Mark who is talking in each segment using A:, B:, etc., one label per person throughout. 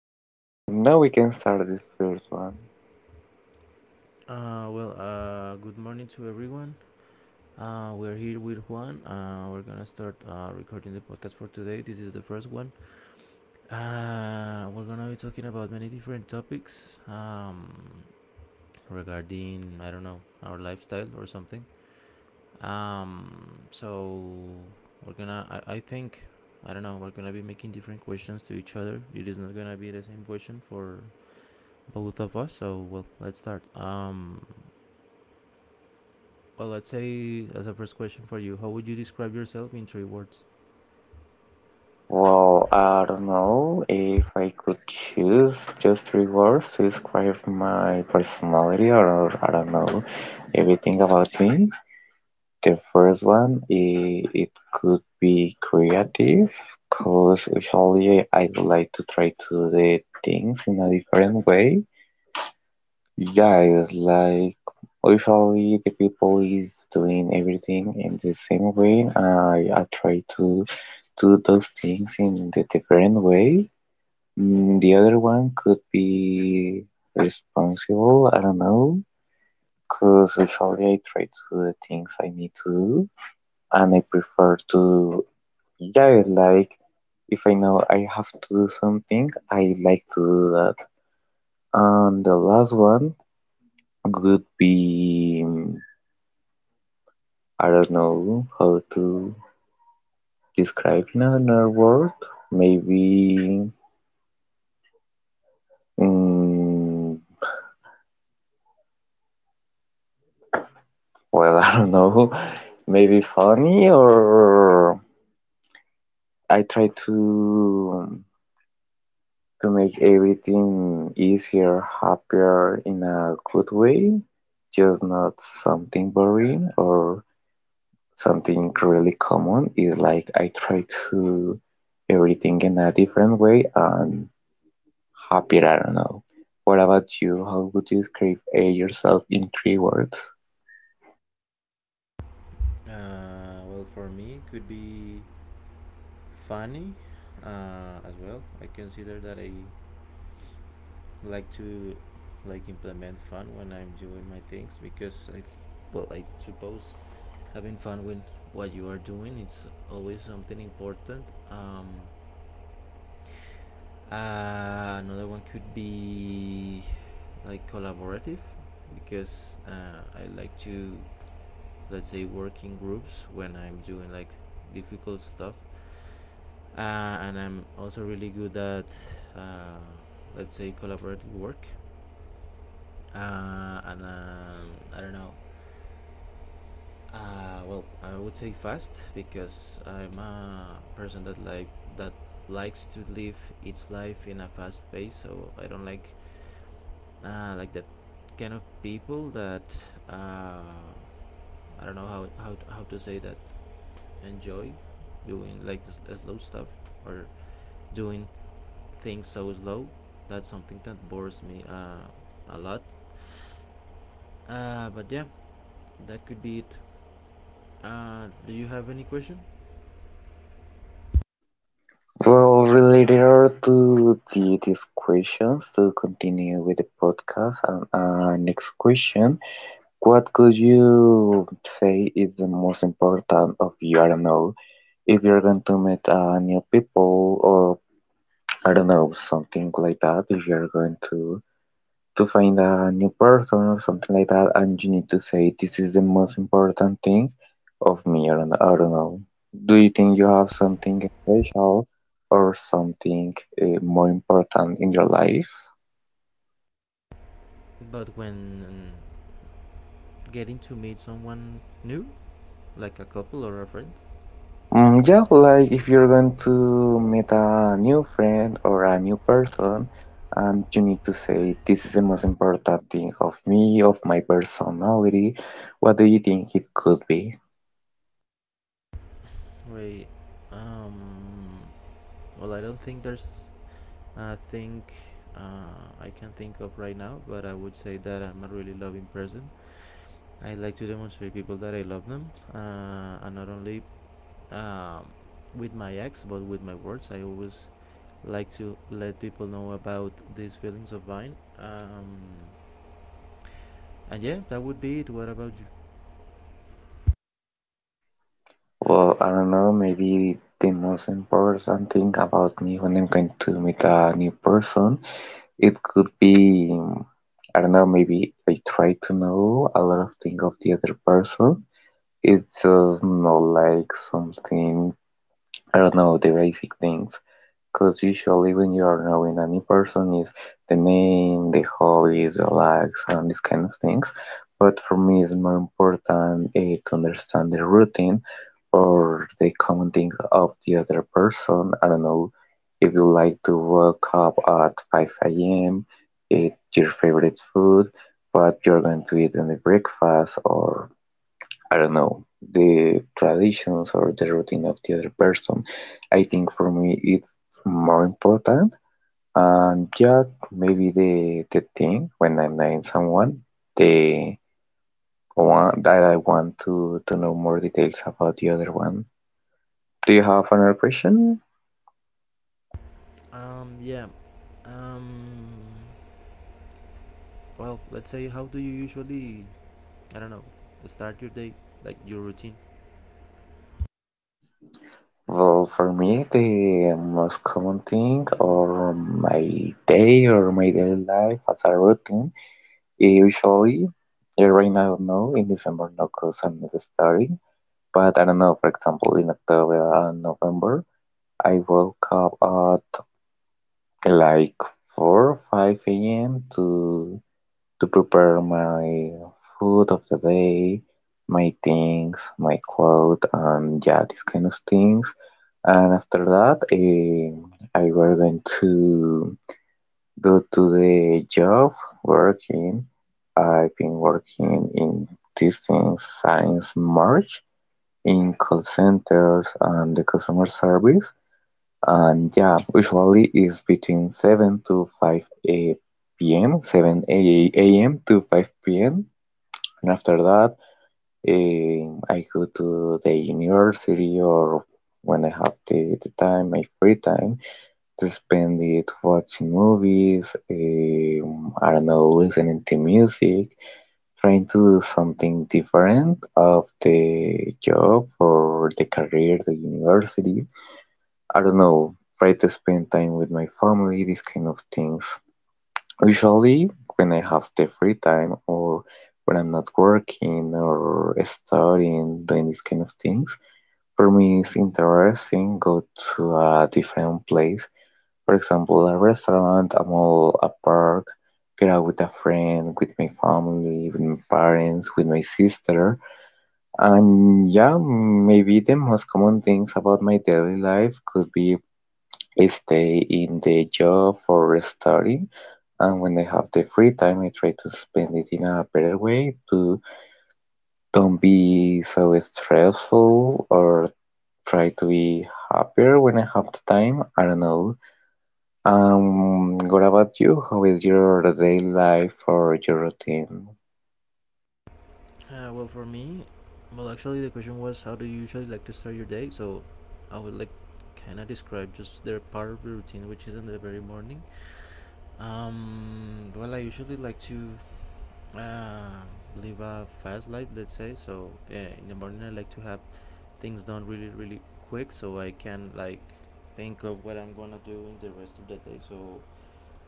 A: Now we can start this first one.
B: Good morning to everyone. We're here with Juan. We're gonna start recording the podcast for today. This is the first one. We're gonna be talking about many different topics regarding, I don't know, our lifestyle or something. So we're gonna, I think, I don't know, we're gonna be making different questions to each other. It is not gonna be the same question for both of us. So, well, let's start. Well, let's say, as a first question for you, how would you describe yourself in three words?
A: Well, I don't know if I could choose just three words to describe my personality or I don't know everything about me. The first one, it could be creative, because usually I would like to try to do things in a different way. Yeah, it's like usually the people is doing everything in the same way. I try to do those things in the different way. The other one could be responsible. I don't know, cause usually I try to do the things I need to do, and I prefer to. Yeah, it's like if I know I have to do something, I like to do that. And the last one could be. I don't know how to describe in another word. Maybe, mm, well, I don't know. Maybe funny or I try to make everything easier, happier in a good way, just not something boring or something really common. It's like I try to everything in a different way and happier, I don't know. What about you? How would you describe yourself in three words?
B: Well, for me, it could be funny as well. I consider that I like to like implement fun when I'm doing my things because well, I suppose having fun with what you are doing it's always something important. Another one could be like collaborative because I like to, let's say, working groups when I'm doing like difficult stuff, and I'm also really good at uh, let's say collaborative work, and I don't know, well, I would say fast because I'm a person that likes to live its life in a fast pace, so I don't like that kind of people that I don't know how to say that, enjoy doing like slow stuff, or doing things so slow. That's something that bores me a lot. But yeah, that could be it. Do you have any question?
A: Well, related to these questions, to continue with the podcast, and next question, what could you say is the most important of you? I don't know, if you're going to meet new people or I don't know, something like that, if you're going to find a new person or something like that and you need to say this is the most important thing of me or I don't know. Do you think you have something special or something more important in your life?
B: But when getting to meet someone new, like a couple or a friend,
A: Mm, yeah, like if you're going to meet a new friend or a new person and you need to say this is the most important thing of me, of my personality, what do you think it could be?
B: wait, um, well, I don't think there's a thing I can think of right now, but I would say that I'm a really loving person. I like to demonstrate people that I love them, and not only um, with my ex, but with my words. I always like to let people know about these feelings of mine. And yeah, that would be it. What about you?
A: Well, I don't know, maybe the most important thing about me when I'm going to meet a new person, it could be, I don't know, maybe I try to know a lot of things of the other person. It's just not like something, I don't know, the basic things. Because usually when you are knowing a new person is the name, the hobbies, the likes, and these kind of things. But for me, it's more important to understand the routine or the commenting of the other person. I don't know if you like to wake up at 5 a.m., eat your favorite food, what you're going to eat in the breakfast, or I don't know, the traditions or the routine of the other person. I think for me it's more important. And yeah, maybe the thing when I'm knowing someone, the one that I want to know more details about the other one. Do you have another question?
B: Um, yeah. Um, well, let's say, how do you usually, I don't know, start your day, like your routine?
A: Well, for me, the most common thing or my day or my daily life as a routine, usually, right now, no, in December, no, because I'm not studying. But I don't know, for example, in October and November, I woke up at like 4 or 5 a.m. to prepare my food of the day, my things, my clothes, and yeah, these kind of things. And after that, I were going to go to the job working. I've been working in these things since March, in call centers and the customer service. And yeah, usually it's between 7 to 5 a p.m., 7 a.m. to 5 p.m. And after that, I go to the university or when I have the time, my free time, to spend it watching movies, I don't know, listening to music, trying to do something different of the job or the career, the university. I don't know, try to spend time with my family, these kind of things. Usually, when I have the free time or when I'm not working or studying, doing these kind of things, for me it's interesting go to a different place, for example, a restaurant, a mall, a park, get out with a friend, with my family, with my parents, with my sister. And yeah, maybe the most common things about my daily life could be I stay in the job for studying, and when I have the free time, I try to spend it in a better way to don't be so stressful or try to be happier when I have the time. I don't know. What about you? How is your day life or your routine?
B: Well, for me, well, actually, the question was, how do you usually like to start your day? So I would like kind of describe just their part of the routine, which is in the very morning. Well, I usually like to uh, live a fast life, let's say. So yeah, in the morning, I like to have things done really, really quick, so I can like think of what I'm gonna do in the rest of the day. So,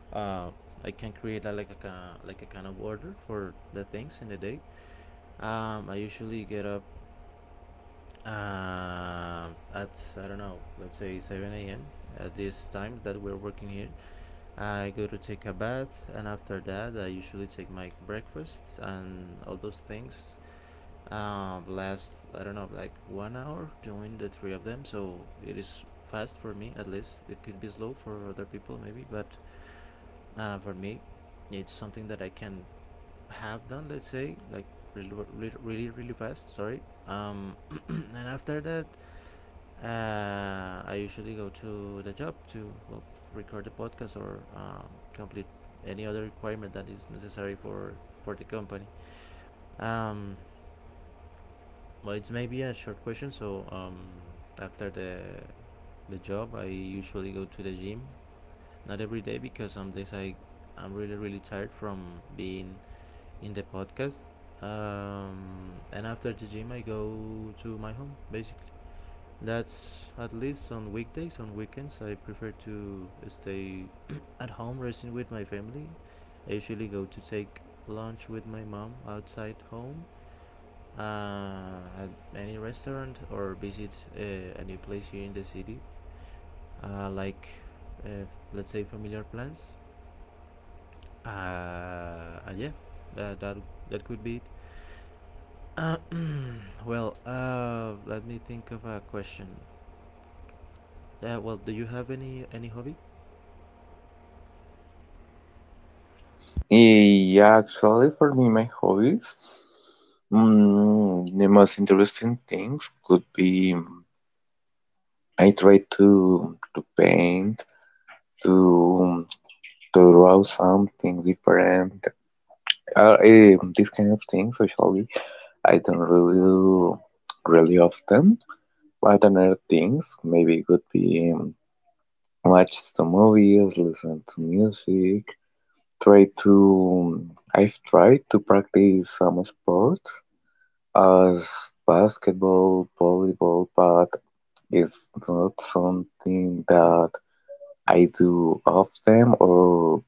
B: uh, I can create a, like a like a kind of order for the things in the day. I usually get up uh, at, I don't know, let's say 7 a.m. At this time that we're working here, I go to take a bath, and after that, I usually take my breakfast and all those things. Last, I don't know, like 1 hour doing the three of them, so it is fast for me at least. It could be slow for other people maybe, but for me, it's something that I can have done. Let's say like really, really, really, really fast. Sorry. And after that, I usually go to the job to, well, record the podcast, or complete any other requirement that is necessary for the company. Um, well, it's maybe a short question. So, after the job, I usually go to the gym. Not every day because some days I'm really really tired from being in the podcast. And after the gym, I go to my home basically. That's at least on weekdays. On weekends, I prefer to stay at home resting with my family. I usually go to take lunch with my mom outside home at any restaurant, or visit a new place here in the city, uh, like uh, let's say familiar plans. Uh, yeah, that, that that could be it. Uh, Let me think of a question. Well, do you have any hobby?
A: Yeah, actually, for me, my hobbies, the most interesting things could be, I try to paint, to draw something different. These kind of things, usually, I don't really do really often. But other things, maybe it could be, watch the movies, listen to music, try to I've tried to practice some sports as basketball, volleyball, but it's not something that I do often or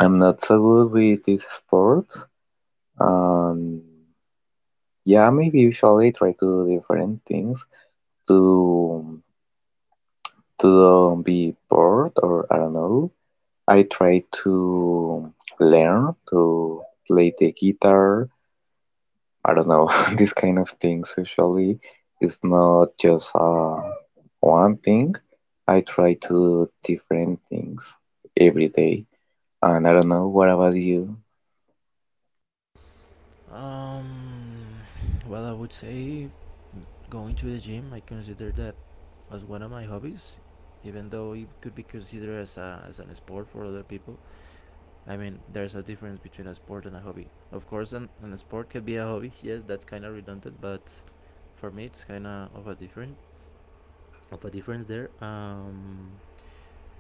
A: I'm not so good with this sport. And yeah, maybe usually I try to do different things to don't be bored or I don't know. I try to learn to play the guitar, I don't know. These kind of things usually is not just one thing. I try to do different things every day. And I don't know, what about you?
B: Um, well, I would say going to the gym. I consider that as one of my hobbies, even though it could be considered as as an sport for other people. I mean, there's a difference between a sport and a hobby. Of course, an sport can be a hobby. Yes, that's kind of redundant, but for me, it's kind of a different of a difference there. Um,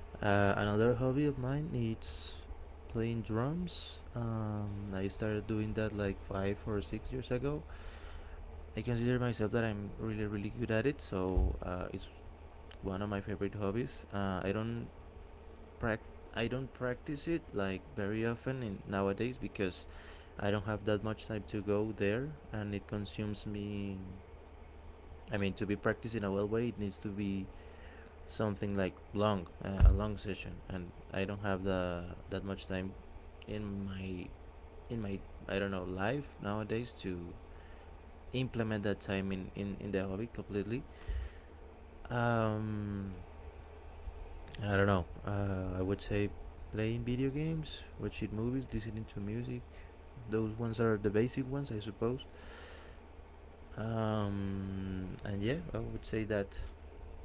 B: uh, Another hobby of mine is playing drums. I started doing that like 5 or 6 years ago. I consider myself that I'm really really good at it, so it's one of my favorite hobbies. Prac- I don't practice it like very often in nowadays because I don't have that much time to go there and it consumes me. I mean, to be practiced in a well way, it needs to be something like long, a long session, and I don't have the that much time in my in my I don't know life nowadays to implement that time in in the hobby completely. Um, I don't know. I would say playing video games, watching movies, listening to music. Those ones are the basic ones, I suppose. And yeah, I would say that.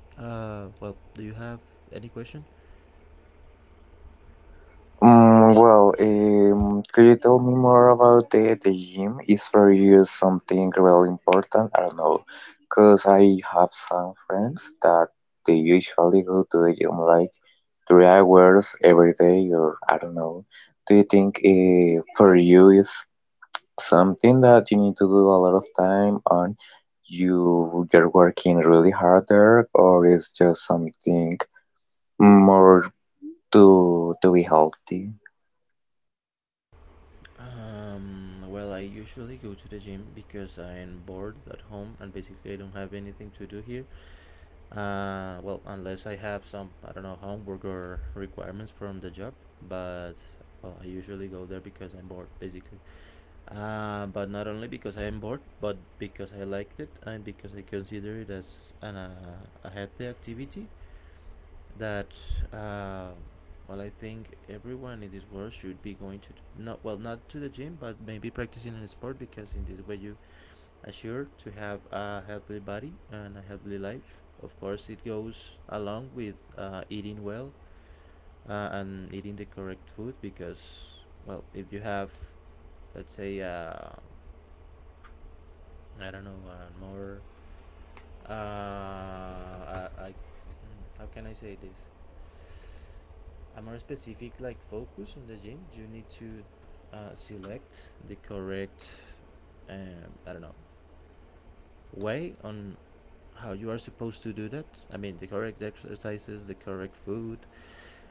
B: Well, do you have any question?
A: Mm, well, could you tell me more about the gym? Is for you something really important? I don't know, because I have some friends that they usually go to the gym like 3 hours every day, or I don't know. Do you think for you is something that you need to do a lot of time on you're working really harder or is just something more to be healthy?
B: Well, I usually go to the gym because I'm bored at home and basically I don't have anything to do here. Well, unless I have some, I don't know, homework or requirements from the job, but well, I usually go there because I'm bored, basically. But not only because I am bored, but because I liked it and because I consider it as an, a healthy activity that, uh, well, I think everyone in this world should be going to, not well, not to the gym, but maybe practicing a sport, because in this way you assure to have a healthy body and a healthy life. Of course, it goes along with eating well and eating the correct food because, well, if you have, let's say, I don't know, man, more. How can I say this? A more specific like focus on the gym. You need to select the correct. I don't know way on how you are supposed to do that. I mean, the correct exercises, the correct food.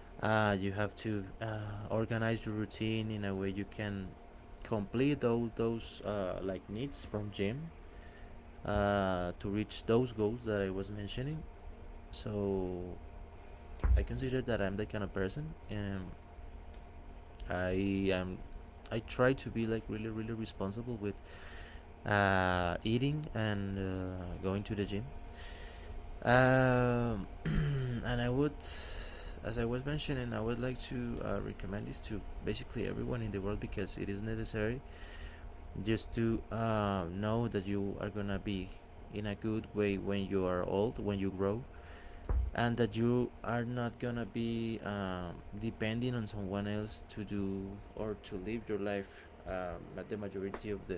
B: You have to organize your routine in a way you can complete all those like needs from gym to reach those goals that I was mentioning. So I consider that I'm that kind of person, and I am. I try to be like really, really responsible with eating and going to the gym. Um, and I would, as I was mentioning, I would like to recommend this to basically everyone in the world, because it is necessary just to know that you are gonna be in a good way when you are old, when you grow, and that you are not gonna be depending on someone else to do or to live your life, but the majority of the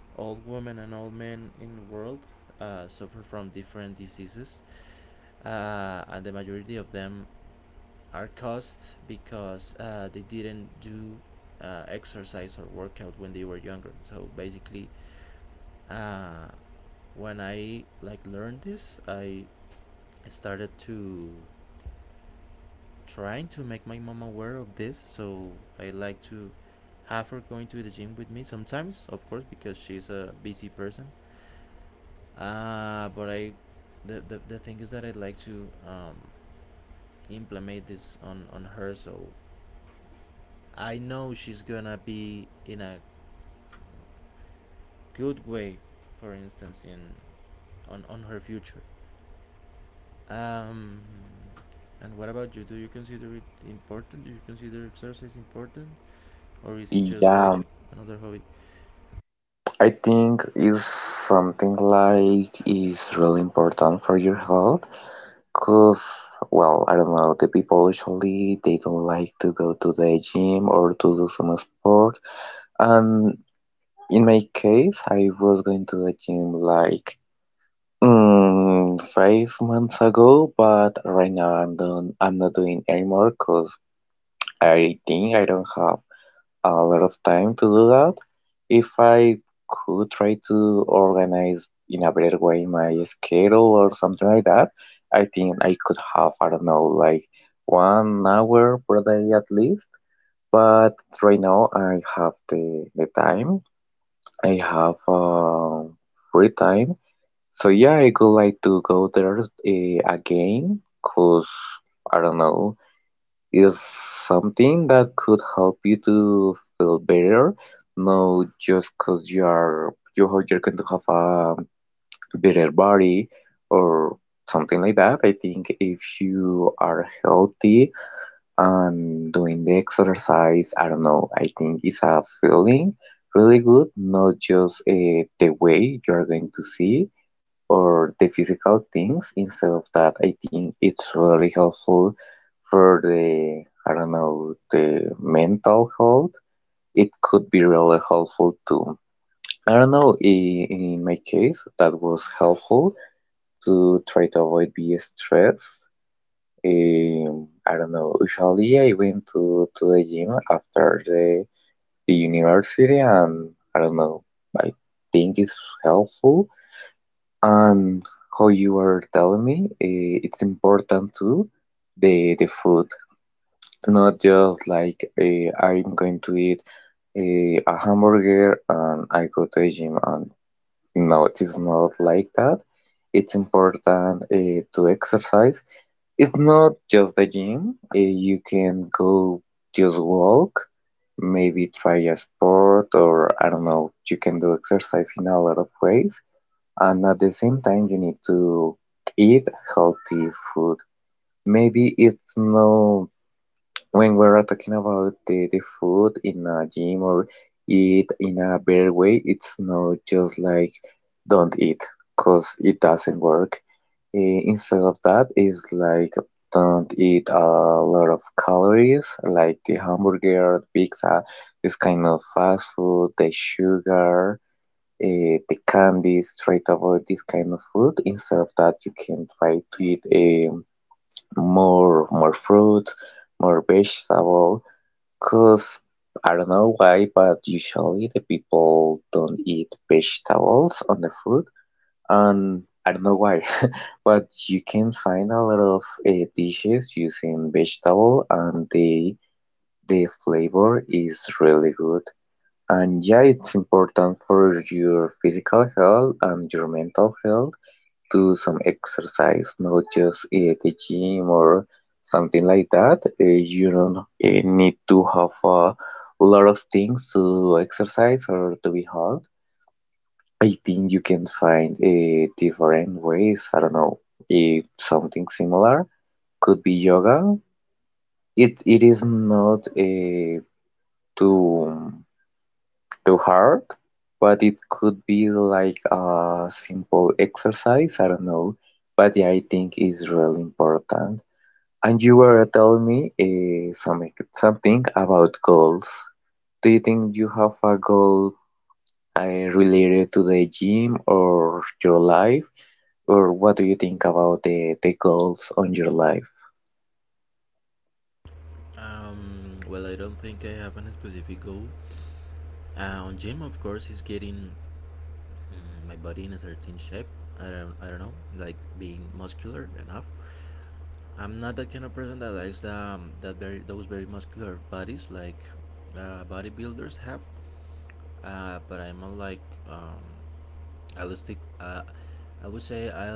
B: old women and old men in the world suffer from different diseases and the majority of them are caused because they didn't do exercise or workout when they were younger, so basically uh, when I like learned this, I started to trying to make my mom aware of this. So I like to have her going to the gym with me sometimes, of course, because she's a busy person. But I, the thing is that I'd like to implement this on her, so I know she's gonna be in a good way, for instance, in on her future. Um, and what about you? Do you consider it important? Do you consider exercise important, or is it just like
A: Yeah,
B: another hobby?
A: I think is something like is really important for your health, because well I don't know, the people usually they don't like to go to the gym or to do some sport. And in my case I was going to the gym like, 5 months ago, but right now I'm done. I'm not doing anymore because I think I don't have a lot of time to do that. If I could try to organize in a better way my schedule or something like that, I think I could have, I don't know, like 1 hour per day at least. But right now I have the time. I have free time, so yeah, I would like to go there again, cause I don't know, it's something that could help you to feel better. No, just cause you are you you're going to have a better body or something like that. I think if you are healthy and doing the exercise, I don't know, I think it's a feeling really good, not just the way you are going to see or the physical things. Instead of that, I think it's really helpful for the, I don't know, the mental health. It could be really helpful too. I don't know, in my case, that was helpful to try to avoid being stressed. I don't know, usually I went to the gym after the university and I don't know, I think it's helpful and how you were telling me, it's important to the food, not just like, I'm going to eat a hamburger and I go to a gym and no, it is not like that. It's important to exercise. It's not just the gym. You can go just walk, maybe try a sport or I don't know. You can do exercise in a lot of ways and at the same time you need to eat healthy food. Maybe it's no, when we're talking about the food in a gym or eat in a better way, it's not just like don't eat, because it doesn't work. Instead of that it's like don't eat a lot of calories like the hamburger, pizza, this kind of fast food, the sugar. They can be straight about this kind of food. Instead of that you can try to eat, um, more fruit, more vegetable, because I don't know why but usually the people don't eat vegetables on the food, and I don't know why. But you can find a lot of dishes using vegetable and the flavor is really good. And yeah, it's important for your physical health and your mental health to some exercise, not just the gym or something like that. You don't need to have a lot of things to exercise or to be healthy. I think you can find different ways. I don't know, if something similar could be yoga. It is not a too. Too hard, but it could be like a simple exercise. I don't know, but yeah, I think it's really important. And you were telling me some, something about goals. Do you think you have a goal uh, related to the gym or your life, or what do you think about the goals on your life?
B: Well, I don't think I have a specific goal. On gym, of course, is getting my body in a certain shape. I don't know, like being muscular enough. I'm not that kind of person that likes the, that very those very muscular bodies like bodybuilders have. But I'm more like um, realistic, I would say I will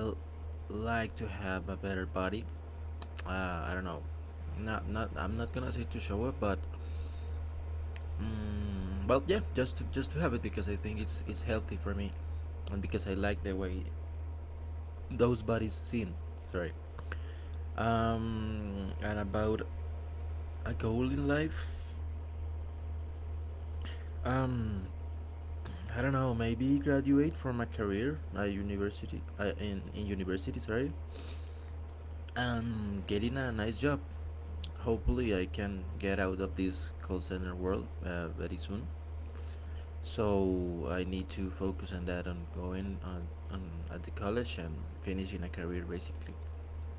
B: like to have a better body. I don't know. Not, not. I'm not gonna say to show it, but, well, yeah, just to have it because I think it's healthy for me, and because I like the way those bodies seem. Sorry. And about a goal in life. Um, I don't know. Maybe graduate from a career at university. In university, sorry, and getting a nice job. Hopefully I can get out of this call center world very soon, so I need to focus on that, on going on, at the college and finishing a career. Basically,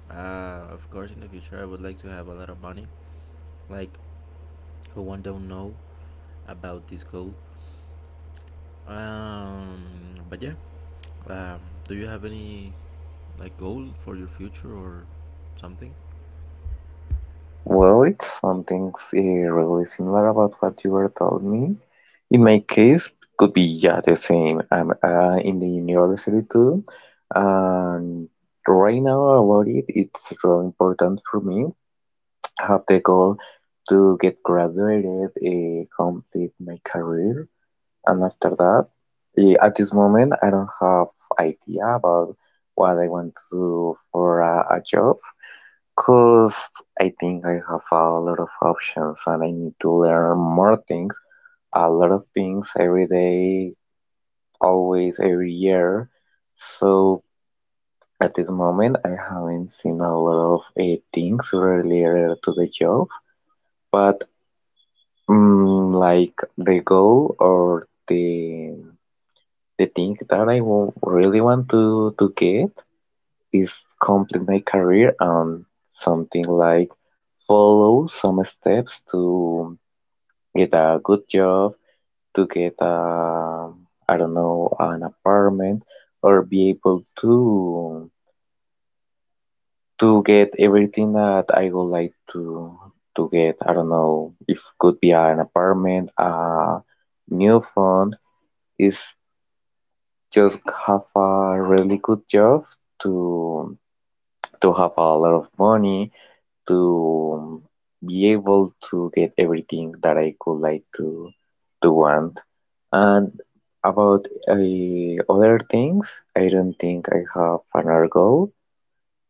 B: of course, in the future I would like to have a lot of money, like, who one don't know about this goal. um but yeah. um do you have any like goal for your future or something?
A: Well, it's something really similar about what you were telling me. In my case, could be yeah the same. I'm in the university too, and right now about it, it's really important for me. I have the goal to get graduated, complete my career, and after that, at this moment, I don't have idea about what I want to do for a job. Cause I think I have a lot of options and I need to learn more things, a lot of things every day, always, every year. So at this moment, I haven't seen a lot of things related to the job, but like the goal or the thing that really want to get is complete my career and something like follow some steps to get a good job, to get a, I don't know, an apartment or be able to get everything that I would like to get. I don't know if could be an apartment, a new phone. Is just have a really good job to to have a lot of money to be able to get everything that I could like to want. And about other things, I don't think I have another goal.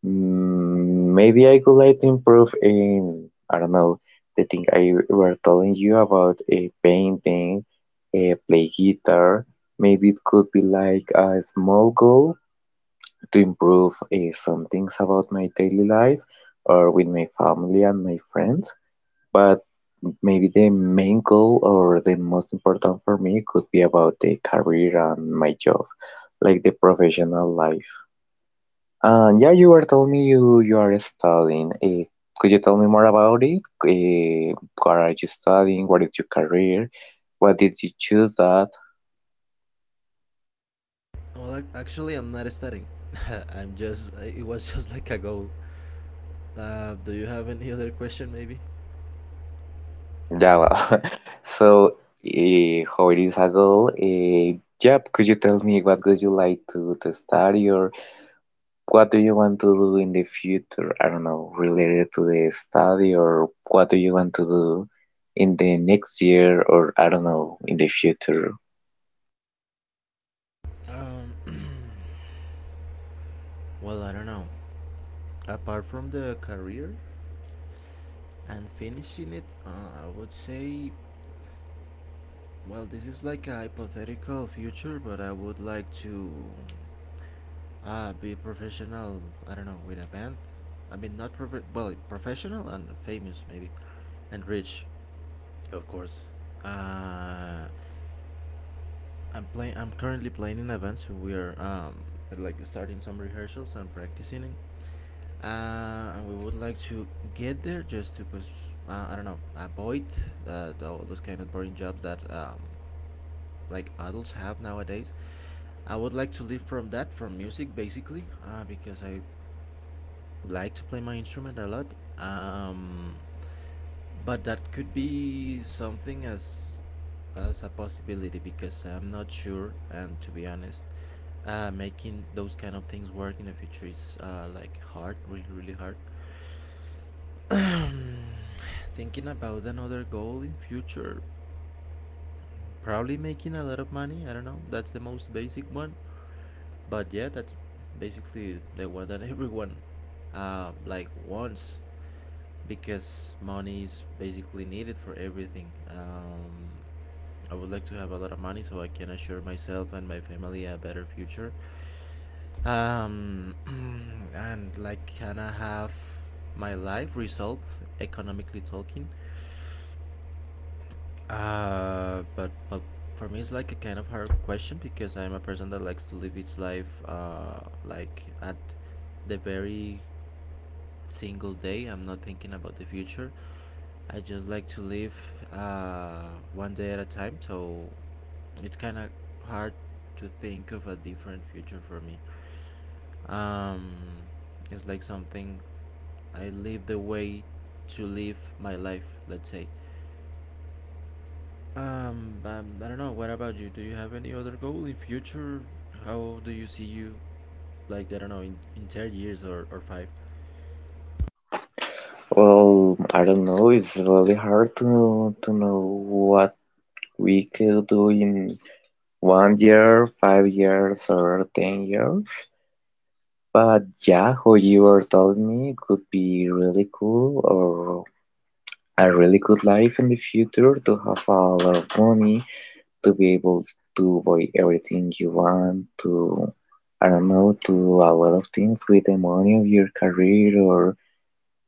A: Maybe I could like to improve in, I don't know, the thing I were telling you about a painting, a play guitar. Maybe it could be like a small goal to improve some things about my daily life or with my family and my friends. But maybe the main goal or the most important for me could be about the career and my job, like the professional life. And yeah, you were telling me you are studying. Could you tell me more about it? What are you studying? What is your career? Why did you choose that?
B: Actually I'm not studying. I'm just, it was just like a goal. Do you have any other question, maybe?
A: Yeah, well, so how it is a goal? Yep, could you tell me what would you like to study or what do you want to do in the future? I don't know, related to the study or what do you want to do in the next year or I don't know, in the future?
B: Um, well, I don't know. Apart from the career and finishing it, I would say, well, this is like a hypothetical future, but I would like to be professional. I don't know, with a band. I mean, not prof- well, professional and famous maybe, and rich, of course. Uh, I'm currently playing in a band, so we are like starting some rehearsals and practicing it. And we would like to get there just to I don't know, avoid all those kind of boring jobs that like adults have nowadays. I would like to live from that, from music basically, because I like to play my instrument a lot. Um, but that could be something as a possibility because I'm not sure, and to be honest, making those kind of things work in the future is like hard, really really hard. Thinking about another goal in future. Probably making a lot of money, I don't know. That's the most basic one. But yeah, that's basically the one that everyone like wants, because money is basically needed for everything. I would like to have a lot of money so I can assure myself and my family a better future. Um, and like, can I have my life resolved economically talking? But for me, it's like a kind of hard question because I'm a person that likes to live its life, like at the very single day. I'm not thinking about the future. I just like to live one day at a time. So it's kind of hard to think of a different future for me. Um, it's like something I live the way to live my life. Let's say. But I don't know. What about you? Do you have any other goal in future? How do you see you? Like, I don't know, in 10 years, or five.
A: Well, I don't know, it's really hard to know what we could do in 1 year, 5 years, or 10 years. But yeah, who you were telling me could be really cool or a really good life in the future to have a lot of money, to be able to buy everything you want, to, I don't know, do a lot of things with the money of your career or.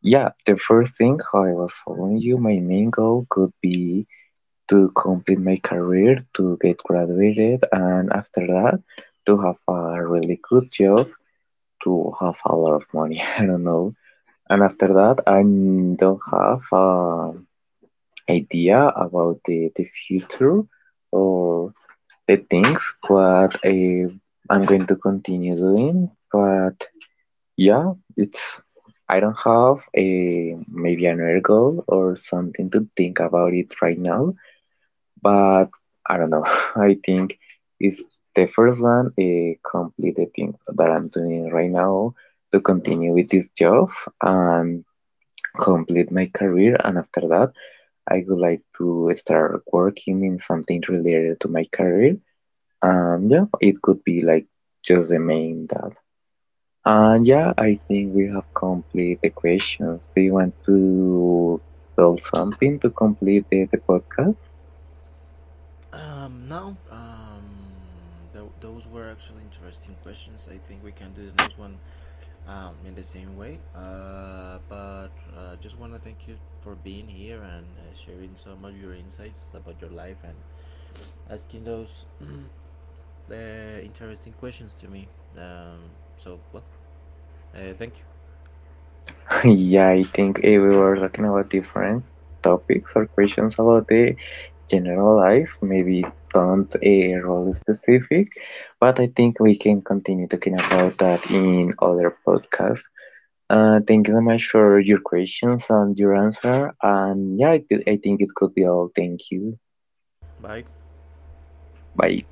A: Yeah, the first thing how I was telling you, my main goal could be to complete my career, to get graduated, and after that, to have a really good job to have a lot of money. I don't know. And after that, I don't have an idea about the future or the things what I'm going to continue doing. But yeah, it's I don't have a maybe another goal or something to think about it right now but I don't know. I think it's the first one a completed thing that I'm doing right now to continue with this job and complete my career. And after that, I would like to start working in something related to my career. Yeah, it could be like just the main that. And yeah, I think we have complete the questions. Do you want to tell something to complete the podcast?
B: No. Th- Those were actually interesting questions. I think we can do the next one, in the same way. But just wanna thank you for being here and sharing some of your insights about your life and asking those interesting questions to me. Um, so well. Thank you.
A: Yeah, I think we were talking about different topics or questions about the general life. Maybe don't a role specific, but I think we can continue talking about that in other podcasts. Thank you so much for your questions and your answer. And yeah, I think it could be all. Thank you.
B: Bye.
A: Bye.